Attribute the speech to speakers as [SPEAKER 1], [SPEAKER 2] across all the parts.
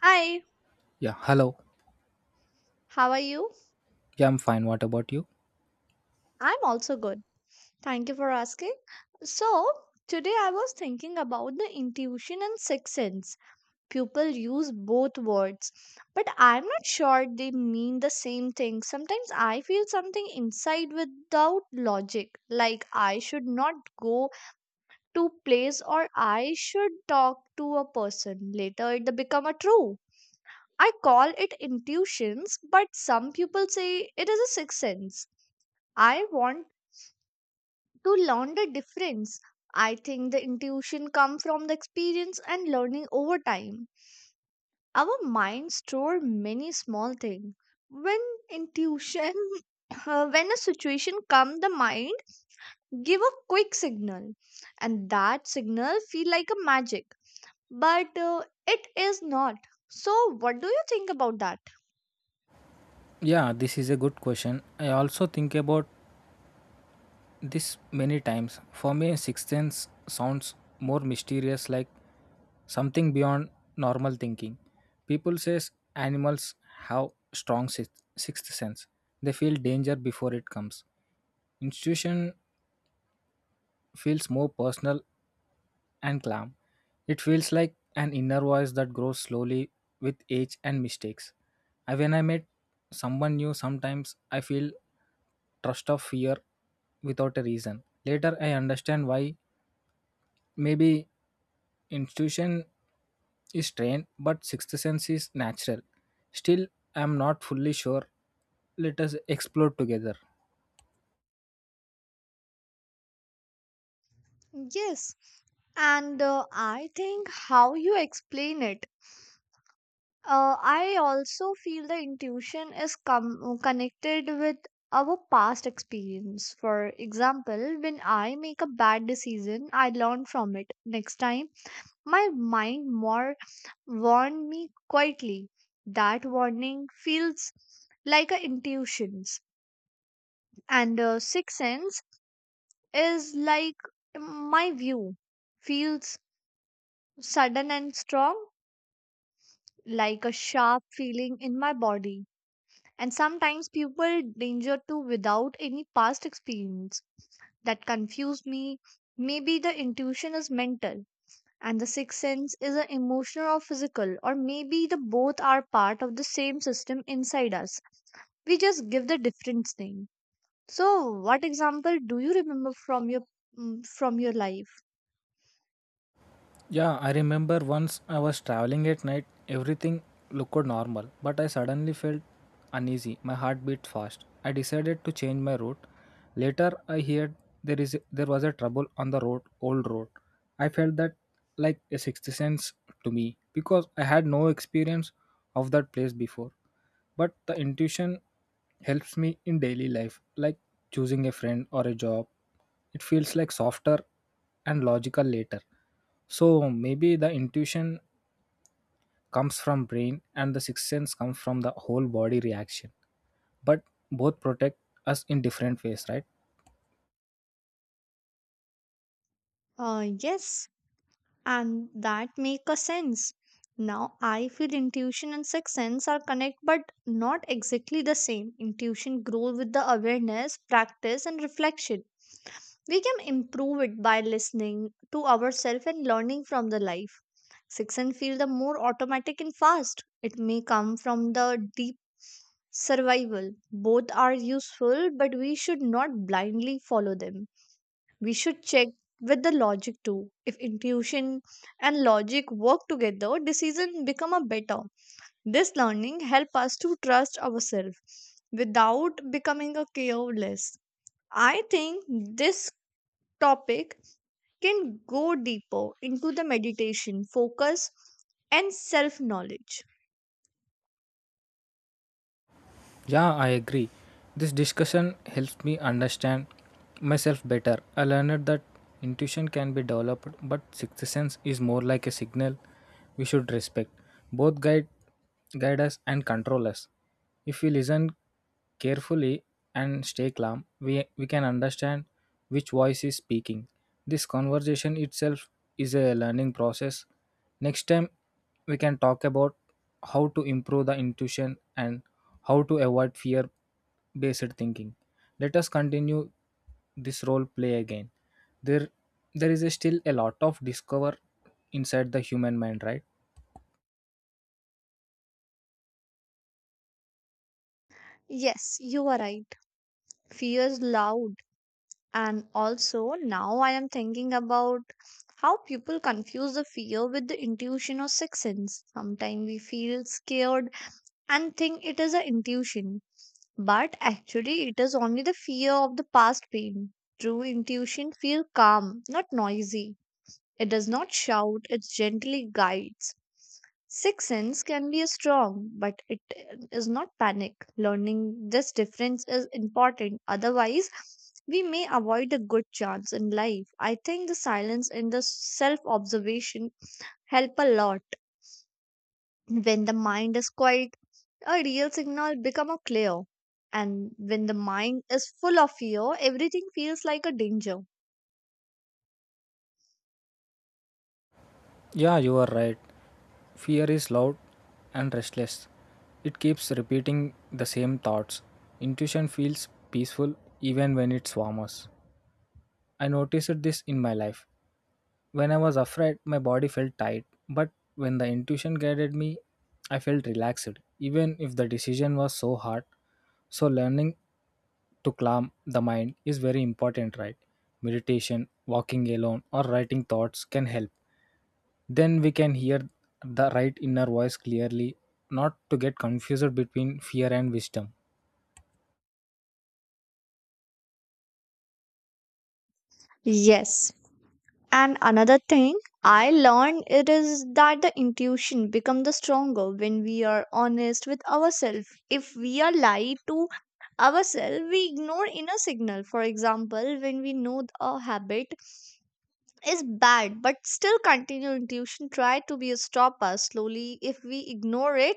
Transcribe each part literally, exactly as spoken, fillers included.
[SPEAKER 1] Hi,
[SPEAKER 2] Yeah, hello.
[SPEAKER 1] how are you?
[SPEAKER 2] Yeah, I'm fine. What about you?
[SPEAKER 1] I'm also good. Thank you for asking. So, today I was thinking about the intuition and sixth sense. People use both words, but I'm not sure they mean the same thing. Sometimes I feel something inside without logic, like I should not go to place or I should talk to a person. Later it become a true. I call it intuitions, but some people say it is a sixth sense. I want to learn the difference. I think the intuition comes from the experience and learning over time. Our minds store many small things. When intuition, uh, when a situation comes, the mind give a quick signal, and that signal feel like a magic, but uh, it is not. So, what do you think about that?
[SPEAKER 2] Yeah, this is a good question. I also think about this many times. For me, sixth sense sounds more mysterious, like something beyond normal thinking. People says animals have strong sixth sixth sense. They feel danger before it comes. Intuition feels more personal and calm. It feels like an inner voice that grows slowly with age and mistakes. I, when I met someone new, sometimes I feel trust of fear without a reason. Later, I understand why. Maybe institution is trained, but sixth sense is natural. Still, I am not fully sure. Let us explore together.
[SPEAKER 1] Yes, and uh, I think how you explain it. Uh, I also feel the intuition is com- connected with our past experience. For example, when I make a bad decision, I learn from it. Next time, my mind more warned me quietly. That warning feels like a intuitions, and uh, sixth sense is like my view feels sudden and strong, like a sharp feeling in my body, and sometimes people danger too without any past experience that confuse me. Maybe the intuition is mental and the sixth sense is an emotional or physical, or maybe the both are part of the same system inside us. We just give the different name. So what example do you remember from your mm, from your life?
[SPEAKER 2] Yeah, I remember once I was traveling at night, everything looked normal, but I suddenly felt uneasy. My heart beat fast. I decided to change my route. Later, I heard there is there was a trouble on the road, old road. I felt that like a sixth sense to me because I had no experience of that place before, but the intuition helps me in daily life, like choosing a friend or a job. It feels like softer and logical later. So maybe the intuition comes from brain and the sixth sense comes from the whole body reaction, but both protect us in different ways, right?
[SPEAKER 1] Uh, yes, and that make a sense now. I feel intuition and sixth sense are connect, but not exactly the same. Intuition grows with the awareness, practice and reflection. We can improve it by listening to ourselves and learning from the life. Sixth sense feel the more automatic and fast. It may come from the deep survival. Both are useful, but we should not blindly follow them. We should check with the logic too. If intuition and logic work together, decisions become a better. This learning help us to trust ourselves without becoming a careless. I think this topic can go deeper into the meditation, focus, and self knowledge.
[SPEAKER 2] Yeah, I agree. This discussion helps me understand myself better. I learned that intuition can be developed, but sixth sense is more like a signal we should respect. Both guide guide us and control us. If we listen carefully and stay calm, we, we can understand which voice is speaking. This conversation itself is a learning process. Next time, we can talk about how to improve the intuition and how to avoid fear based thinking. Let us continue this role play again. There, there is still a lot of discover inside the human mind, right?
[SPEAKER 1] Yes, you are right. Fear is loud. And also, now I am thinking about how people confuse the fear with the intuition or sixth sense. Sometimes we feel scared and think it is an intuition, but actually, it is only the fear of the past pain. True intuition feels calm, not noisy. It does not shout, it gently guides. Sixth sense can be strong, but it is not panic. Learning this difference is important. Otherwise, we may avoid a good chance in life. I think the silence and the self observation help a lot. When the mind is quiet, a real signal become a clear. And when the mind is full of fear, everything feels like a danger.
[SPEAKER 2] Yeah, you are right. Fear is loud and restless. It keeps repeating the same thoughts. Intuition feels peaceful even when it swarms. I noticed this in my life. When I was afraid, my body felt tight, but when the intuition guided me, I felt relaxed, even if the decision was so hard. So, learning to calm the mind is very important, right? Meditation, walking alone, or writing thoughts can help. Then we can hear the right inner voice clearly, not to get confused between fear and wisdom.
[SPEAKER 1] Yes, and another thing I learned it is that the intuition become the stronger when we are honest with ourselves. If we are lied to ourselves, we ignore inner signal. For example, when we know a habit is bad but still continue, intuition try to be a stopper. Slowly, if we ignore it,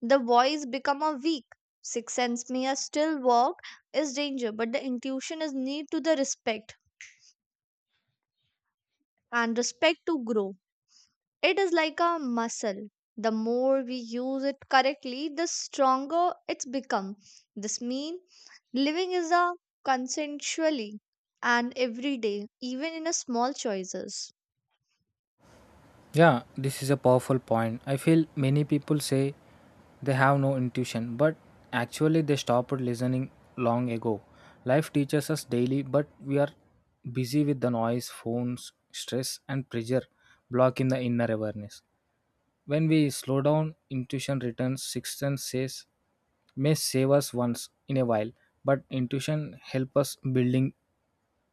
[SPEAKER 1] the voice become a weak. Sixth sense may a still work is danger, but the intuition is need to the respect and respect to grow. It is like a muscle. The more we use it correctly, the stronger it's become. This means living is a consensually and every day, even in a small choices.
[SPEAKER 2] Yeah, this is a powerful point. I feel many people say they have no intuition, but actually they stopped listening long ago. Life teaches us daily, but we are busy with the noise, phones, stress, and pressure blocking the inner awareness. When we slow down, intuition returns. Sixth sense says may save us once in a while, but intuition help us building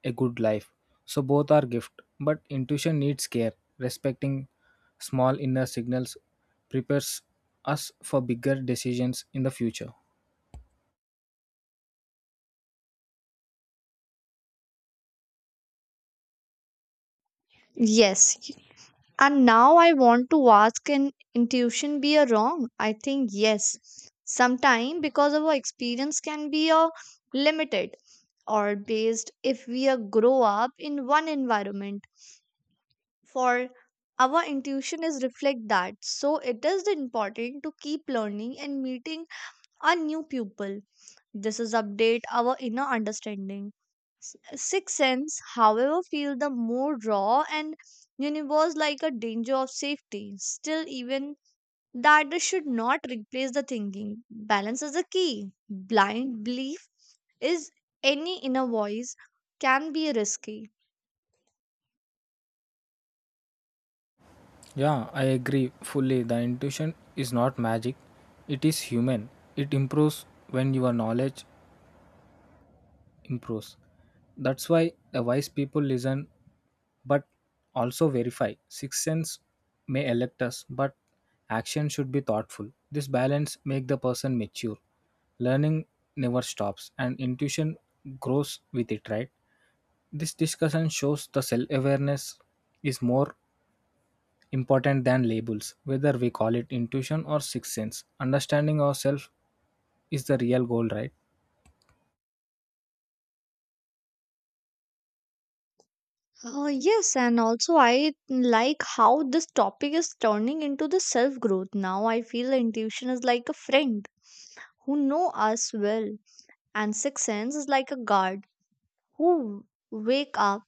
[SPEAKER 2] a good life. So both are gift, but intuition needs care. Respecting small inner signals prepares us for bigger decisions in the future.
[SPEAKER 1] Yes. y- And now I want to ask, can intuition be a wrong? I think yes. Sometime because our experience can be a limited or based. If we uh, grow up in one environment, for our intuition is reflect that. So it is important to keep learning and meeting our new people. This is update our inner understanding. S- sixth sense, however, feel the more raw and universe, like a danger of safety still. Even that, this should not replace the thinking. Balance is the key. Blind belief is any inner voice can be risky.
[SPEAKER 2] Yeah, I agree fully. The intuition is not magic, it is human. It improves when your knowledge improves. That's why the wise people listen, but also verify. Sixth sense may elect us, but action should be thoughtful. This balance make the person mature. Learning never stops and intuition grows with it, right? This discussion shows the self awareness is more important than labels, whether we call it intuition or sixth sense. Understanding ourselves is the real goal, right?
[SPEAKER 1] Oh yes, and also I like how this topic is turning into the self growth. Now I feel intuition is like a friend who know us well, and sixth sense is like a guard who wake up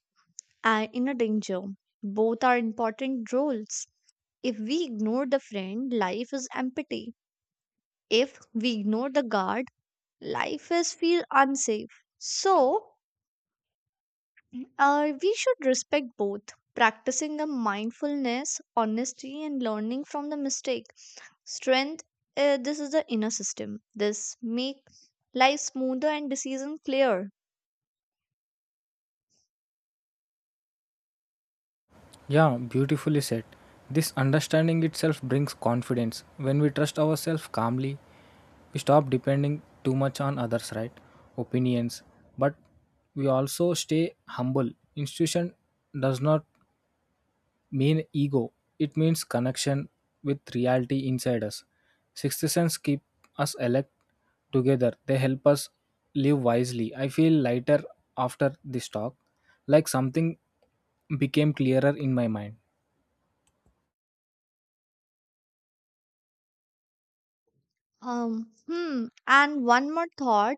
[SPEAKER 1] and in a danger. Both are important roles. If we ignore the friend, life is empty. If we ignore the guard, life is feel unsafe. So Uh, we should respect both, practicing a mindfulness, honesty, and learning from the mistake. Strength, uh, this is the inner system. This make life smoother and decision clear.
[SPEAKER 2] Yeah, beautifully said. This understanding itself brings confidence. When we trust ourselves calmly, we stop depending too much on others right opinions, but we also stay humble. Institution does not mean ego, it means connection with reality inside us. Sixth sense keep us elect. Together they help us live wisely. I feel lighter after this talk, like something became clearer in my mind.
[SPEAKER 1] Um, hmm. And one more thought: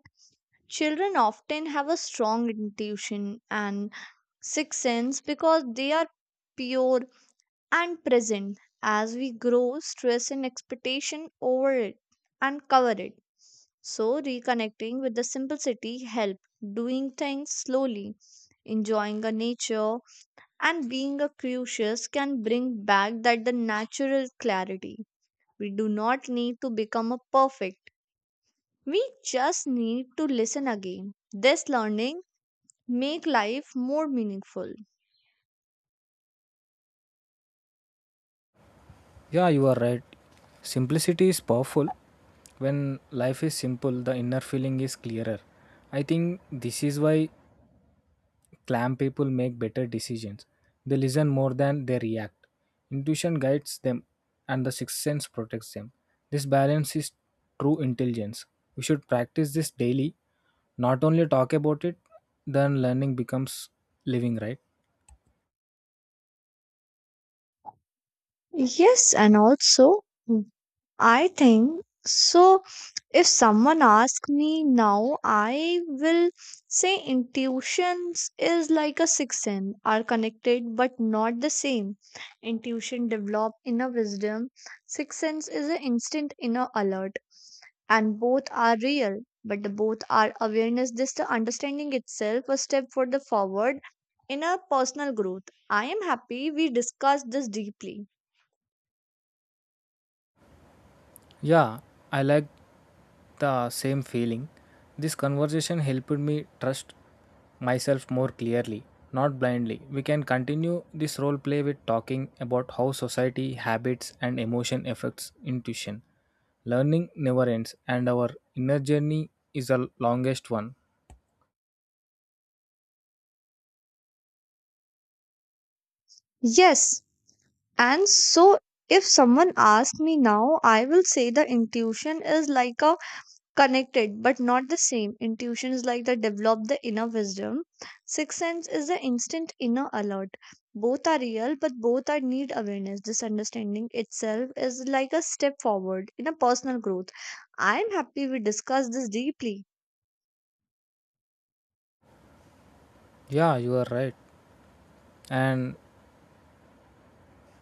[SPEAKER 1] children often have a strong intuition and sixth sense because they are pure and present. As we grow, stress and expectation over it and cover it. So reconnecting with the simplicity help, doing things slowly, enjoying the nature, and being a curious can bring back that the natural clarity. We do not need to become a perfect, we just need to listen again. This learning make life more meaningful.
[SPEAKER 2] Yeah, you are right. Simplicity is powerful. When life is simple, the inner feeling is clearer. I think this is why clam people make better decisions. They listen more than they react. Intuition guides them, and the sixth sense protects them. This balance is true intelligence. We should practice this daily, not only talk about it, then learning becomes living, right?
[SPEAKER 1] Yes, and also I think so. If someone asks me now, I will say intuitions is like a sixth sense, are connected but not the same. Intuition develop inner wisdom. Sixth sense is an instant inner alert, and both are real. But the both are awareness. This the understanding itself a step for the forward in a personal growth. I am happy we discussed this deeply.
[SPEAKER 2] Yeah, I like the same feeling. This conversation helped me trust myself more clearly, not blindly. We can continue this role play with talking about how society, habits, and emotion affects intuition. Learning never ends, and our inner journey is the longest one.
[SPEAKER 1] Yes, and so, if someone asks me now, I will say the intuition is like a connected but not the same. Intuition is like the develop the inner wisdom. Sixth sense is the instant inner alert. Both are real, but both are need awareness. This understanding itself is like a step forward in a personal growth. I am happy we discussed this deeply.
[SPEAKER 2] Yeah, you are right. And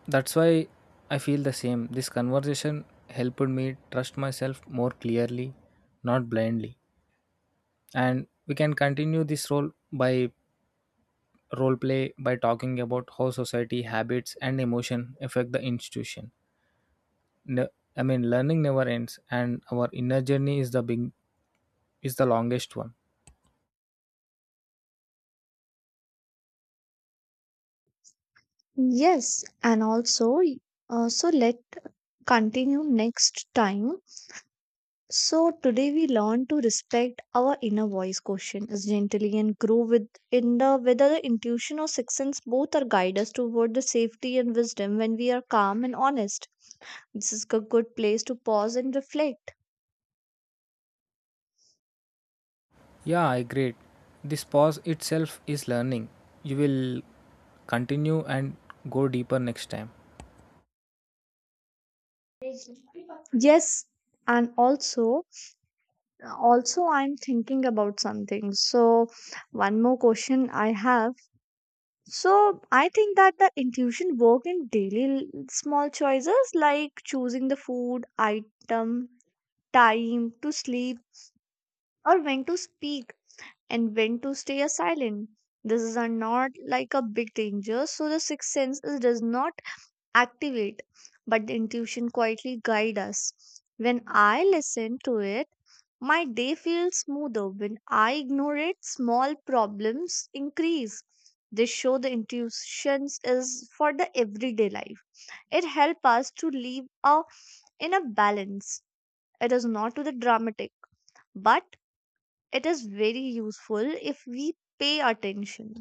[SPEAKER 2] that's why I feel the same. This conversation helped me trust myself more clearly, not blindly. And we can continue this role by role play by talking about how society habits and emotion affect the institution. Ne- i mean learning never ends and our inner journey is the big is the longest one.
[SPEAKER 1] Yes, and also, uh, so let continue next time. So today we learn to respect our inner voice, question is gently and grow with in the whether the intuition or sixth sense, both are guide us toward the safety and wisdom when we are calm and honest. This is a good place to pause and reflect.
[SPEAKER 2] Yeah, I agree. This pause itself is learning. You will continue and go deeper next time.
[SPEAKER 1] Yes, and also, also I'm thinking about something. So one more question I have. So I think that the intuition work in daily l- small choices, like choosing the food item, time to sleep, or when to speak and when to stay silent. These are not like a big danger, so the sixth sense is, does not activate, but the intuition quietly guide us. When I listen to it, my day feels smoother. When I ignore it, small problems increase. This show the intuitions is for the everyday life. It helps us to live a, in a balance. It is not to the dramatic, but it is very useful if we pay attention.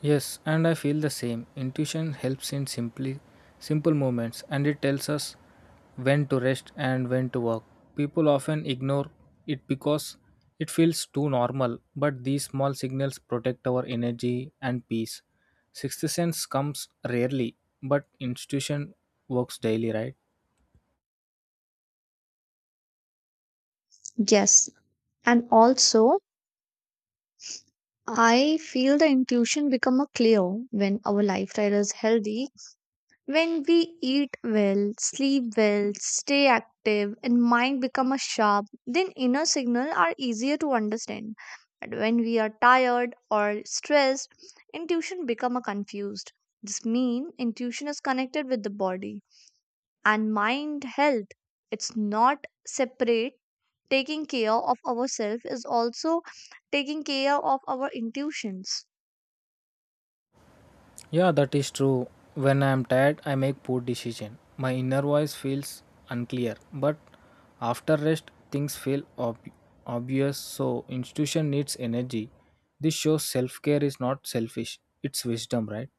[SPEAKER 2] Yes, and I feel the same. Intuition helps in simply simple moments and it tells us when to rest and when to work. People often ignore it because it feels too normal, but these small signals protect our energy and peace. Sixth sense comes rarely, but intuition works daily, right?
[SPEAKER 1] Yes. And also, I feel the intuition become a clear when our lifestyle is healthy. When we eat well, sleep well, stay active, and mind become a sharp, then inner signal are easier to understand. But when we are tired or stressed, intuition become a confused. This mean intuition is connected with the body and mind health. It's not separate. Taking care of ourselves is also taking care of our intuitions.
[SPEAKER 2] Yeah, that is true. When I am tired, I make poor decision. My inner voice feels unclear, but after rest, things feel ob- obvious. So institution needs energy. This shows self care is not selfish. It's wisdom, right?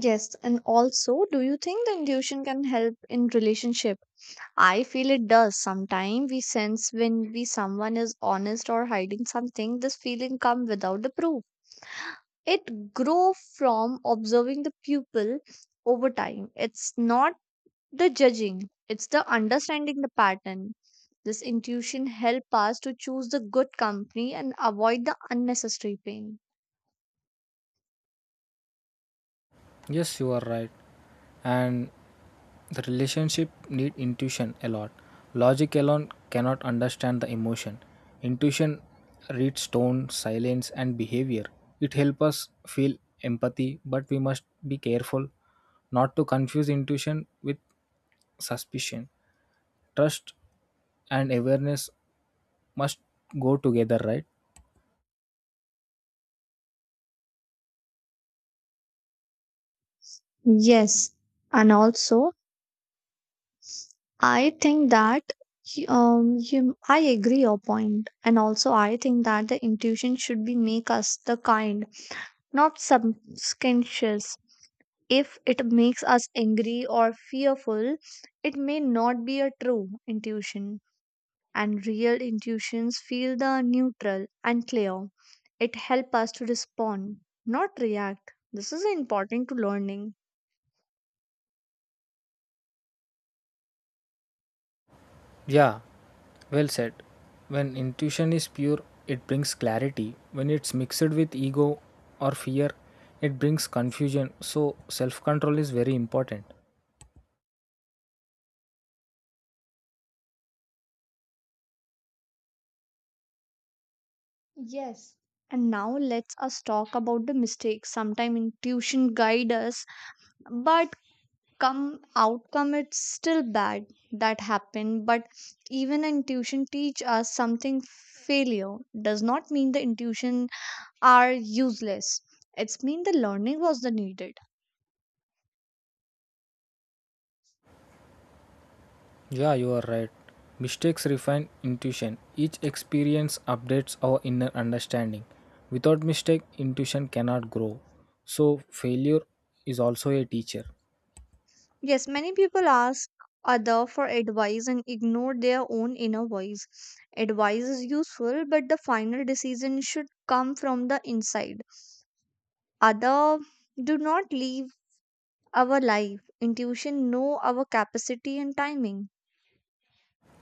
[SPEAKER 1] Yes, and also, do you think the intuition can help in relationship? I feel it does. Sometimes we sense when we someone is honest or hiding something, this feeling come without the proof. It grow from observing the pupil over time. It's not the judging, it's the understanding the pattern. This intuition help us to choose the good company and avoid the unnecessary pain.
[SPEAKER 2] Yes, you are right. And the relationship need intuition a lot. Logic alone cannot understand the emotion. Intuition reads tone, silence and behavior. It helps us feel empathy, but we must be careful not to confuse intuition with suspicion. Trust and awareness must go together, right?
[SPEAKER 1] Yes, and also I think that he- um you, I agree your point, and also I think that the intuition should be make us the kind, not subconscious. If it makes us angry or fearful, it may not be a true intuition. And real intuitions feel the neutral and clear. It helps us to respond, not react. This is important to learning.
[SPEAKER 2] Yeah, well said. When intuition is pure, it brings clarity. When it's mixed with ego or fear, it brings confusion. So, self control is very important.
[SPEAKER 1] Yes. And now let's us talk about the mistakes. Sometimes intuition guide us, but come outcome it's still bad that happen. But even intuition teach us something. Failure does not mean the intuition are useless. It's mean the learning was the needed.
[SPEAKER 2] Yeah, you are right. Mistakes refine intuition. Each experience updates our inner understanding. Without mistake, intuition cannot grow. So, failure is also a teacher.
[SPEAKER 1] Yes, many people ask other for advice and ignore their own inner voice. Advice is useful, but the final decision should come from the inside other do not leave our life intuition know our capacity and timing.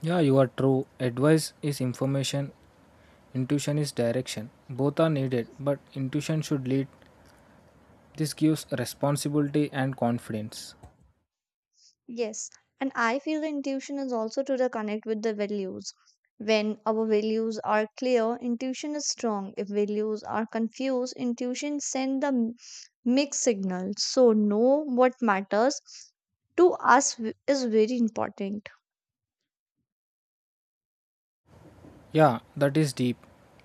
[SPEAKER 2] Yeah, you are true. Advice is information, intuition is direction. Both are needed, but intuition should lead. This gives responsibility and confidence.
[SPEAKER 1] Yes, and I feel the intuition is also to the connect with the values. When our values are clear intuition is strong, if values are confused intuition send the m- mixed signal, so know what matters to us w- is very important.
[SPEAKER 2] Yeah, that is deep.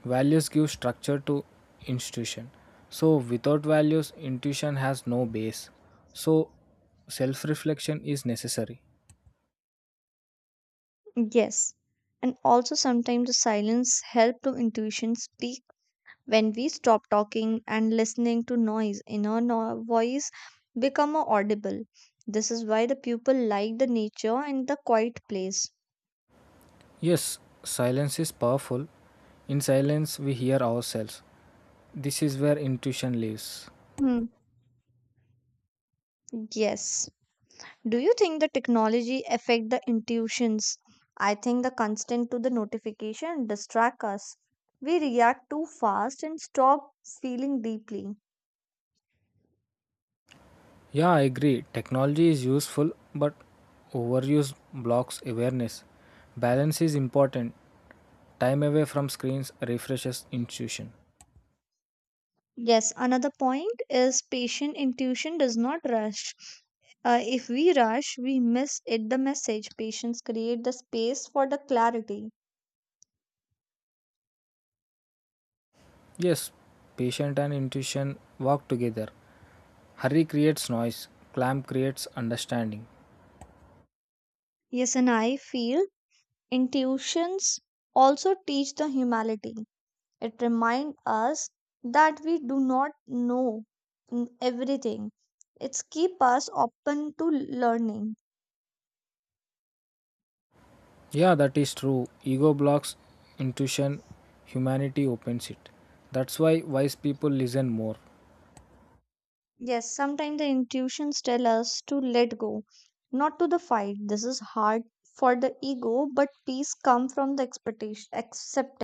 [SPEAKER 2] Values give structure to institution. So without values, intuition has no base. So self-reflection is necessary.
[SPEAKER 1] Yes, and also sometimes the silence help to intuition speak. When we stop talking and listening to noise inner no- voice become more audible. This is why the people like the nature and the quiet place.
[SPEAKER 2] Yes, silence is powerful. In silence, we hear ourselves. This is where intuition lives.
[SPEAKER 1] Hmm. Yes, do you think the technology affect the intuitions? I think the constant to the notification distract us, we react too fast and stop feeling deeply.
[SPEAKER 2] Yeah, I agree. Technology is useful, but overuse blocks awareness. Balance is important. Time away from screens refreshes intuition.
[SPEAKER 1] Yes, another point is patient intuition does not rush. Uh, if we rush, we miss it the message. Patients create the space for the clarity.
[SPEAKER 2] Yes, patient and intuition work together. Hurry creates noise, clamp creates understanding.
[SPEAKER 1] Yes, and I feel intuitions also teach the humility. It reminds us that we do not know mm, everything. It's keep us open to learning.
[SPEAKER 2] Yeah, that is true. Ego blocks intuition, humanity opens it. That's why wise people listen more.
[SPEAKER 1] Yes, sometimes the intuitions tell us to let go, not to the fight. This is hard for the ego, but peace comes from the expectation acceptance.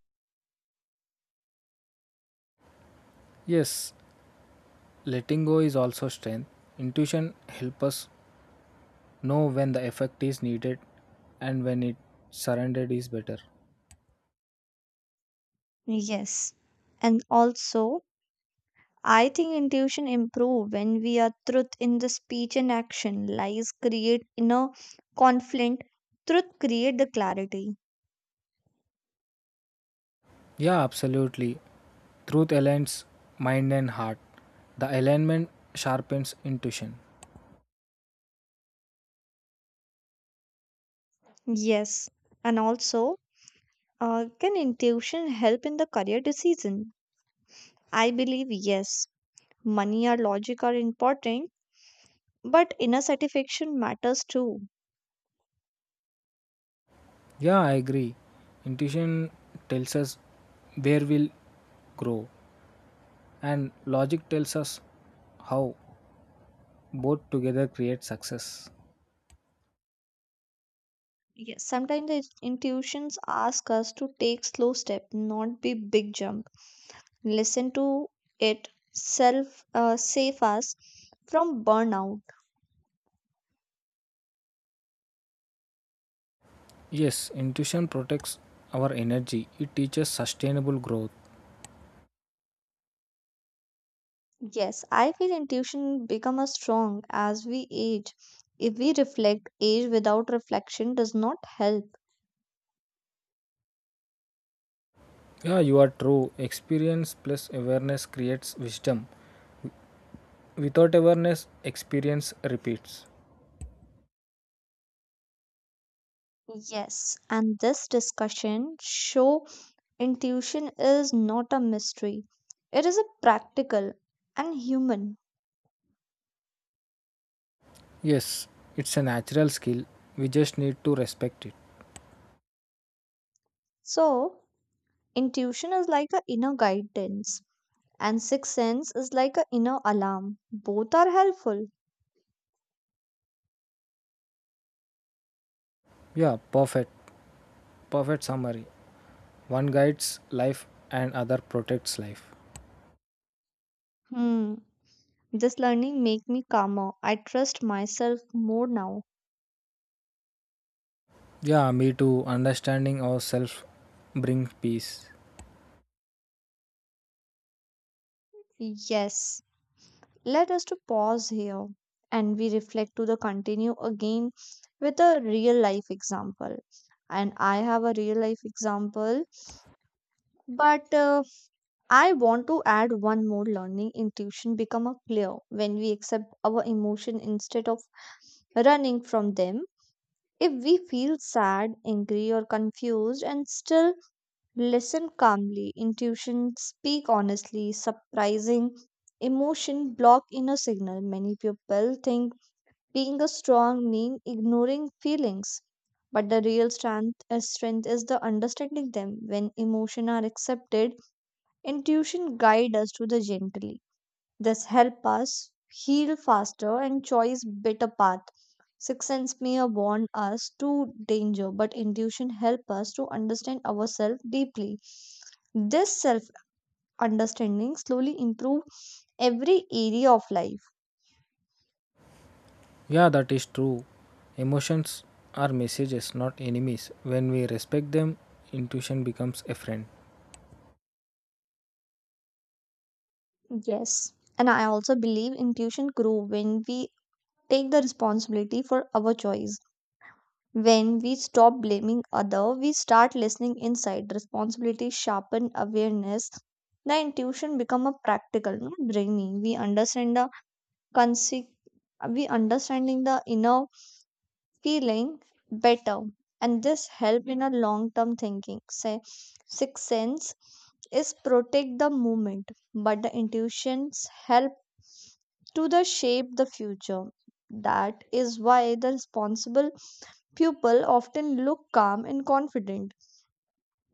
[SPEAKER 2] Yes, letting go is also strength. Intuition helps us know when the effect is needed and when it surrendered is better.
[SPEAKER 1] Yes. And also I think intuition improve when we are truth in the speech and action. Lies create inner conflict. Truth create the clarity.
[SPEAKER 2] Yeah, absolutely. Truth aligns mind and heart. The alignment sharpens intuition.
[SPEAKER 1] Yes. And also, uh, can intuition help in the career decision? I believe yes. Money or logic are important, but inner satisfaction matters too.
[SPEAKER 2] Yeah, I agree. Intuition tells us where we'll grow, and logic tells us how. Both together create success.
[SPEAKER 1] Yes, sometimes the intuitions ask us to take slow step, not be big jump. Listen to it, self uh, save us from burnout.
[SPEAKER 2] Yes, intuition protects our energy, it teaches sustainable growth.
[SPEAKER 1] Yes, I feel intuition become as strong as we age. If we reflect, age without reflection does not help.
[SPEAKER 2] Yeah, you are true. Experience plus awareness creates wisdom. Without awareness, experience repeats.
[SPEAKER 1] Yes, and this discussion show intuition is not a mystery. It is a practical and human.
[SPEAKER 2] Yes, it's a natural skill. We just need to respect it.
[SPEAKER 1] So, intuition is like an inner guidance, and sixth sense is like an inner alarm. Both are helpful.
[SPEAKER 2] Yeah, perfect. Perfect summary. One guides life and other protects life.
[SPEAKER 1] Hmm. This learning make me calmer. I trust myself more now.
[SPEAKER 2] Yeah, me too. Understanding ourselves brings peace.
[SPEAKER 1] Yes. Let us to pause here and we reflect to the continue again with a real life example. And I have a real life example, but uh, I want to add one more learning intuition become a clear when we accept our emotion instead of running from them. If we feel sad, angry or confused and still listen calmly, intuition speak honestly, surprising emotion block inner signal. Many people think being a strong mean ignoring feelings. But the real strength, uh, strength is the understanding them. When emotion are accepted, intuition guide us to the gently. This help us heal faster and choose better path. Sixth sense may warn us to danger, but intuition help us to understand ourselves deeply. This self understanding slowly improve every area of life.
[SPEAKER 2] Yeah, that is true. Emotions are messages, not enemies. When we respect them, intuition becomes a friend.
[SPEAKER 1] Yes, and I also believe intuition grow when we take the responsibility for our choice. When we stop blaming other, we start listening inside. Responsibility sharpen awareness. The intuition become a practical, not brainy. We understand the conse- we understanding the inner feeling better, and this help in a long term thinking. Say sixth sense is protect the moment, but the intuitions help to the shape the future. That is why the responsible people often look calm and confident.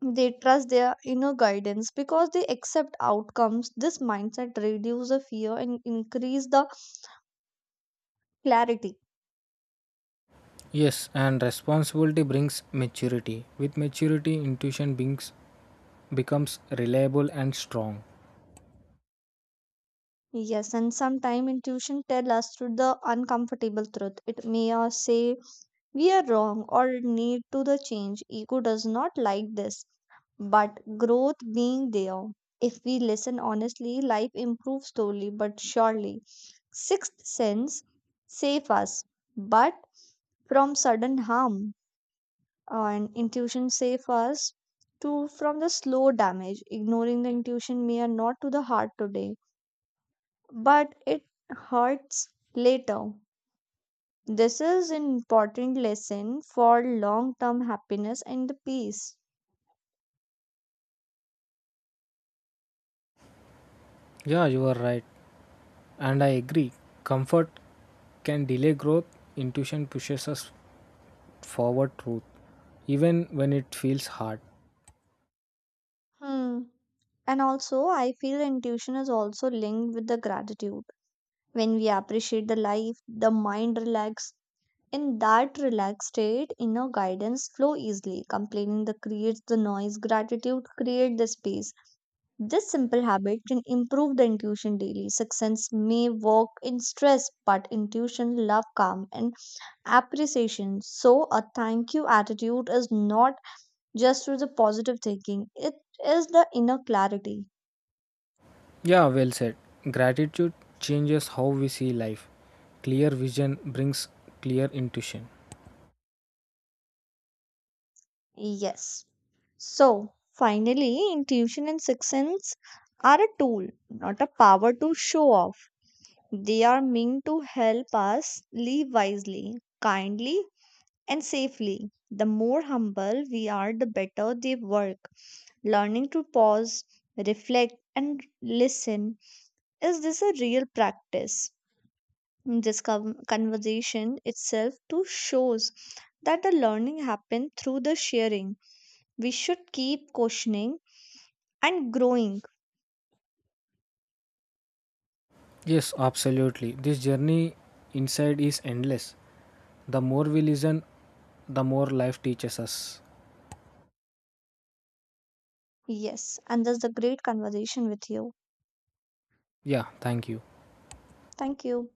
[SPEAKER 1] They trust their inner guidance because they accept outcomes. This mindset reduces the fear and increase the clarity.
[SPEAKER 2] Yes, and responsibility brings maturity. With maturity, intuition brings, becomes reliable and strong.
[SPEAKER 1] Yes, and sometimes intuition tells us to the uncomfortable truth. It may or say we are wrong or need to the change. Ego does not like this, but growth being there. If we listen honestly, life improves slowly but surely. Sixth sense save us, but from sudden harm and intuition safe us to from the slow damage ignoring the intuition may are not to the heart today but it hurts later, this is an important lesson for long term happiness and the peace.
[SPEAKER 2] Yeah, you are right. And I agree. Comfort can delay growth, intuition pushes us forward truth, even when it feels hard.
[SPEAKER 1] Hmm. And also I feel intuition is also linked with the gratitude. When we appreciate the life the mind relax. In that relaxed state, inner guidance flow easily. Complaining the creates the noise, gratitude create the space. This simple habit can improve the intuition daily. Sixth sense may work in stress, but intuition love calm and appreciation. So a thank you attitude is not just through the positive thinking; it is the inner clarity.
[SPEAKER 2] Yeah, well said. Gratitude changes how we see life. Clear vision brings clear intuition.
[SPEAKER 1] Yes. So, finally, intuition and sixth sense are a tool, not a power to show off. They are meant to help us live wisely, kindly, and safely. The more humble we are, the better they work. Learning to pause, reflect, and listen is this a real practice? This con- conversation itself too shows that the learning happened through the sharing. We should keep questioning and growing.
[SPEAKER 2] Yes, absolutely. This journey inside is endless. The more we listen, the more life teaches us.
[SPEAKER 1] Yes, and that's the great conversation with you.
[SPEAKER 2] Yeah, thank you.
[SPEAKER 1] Thank you.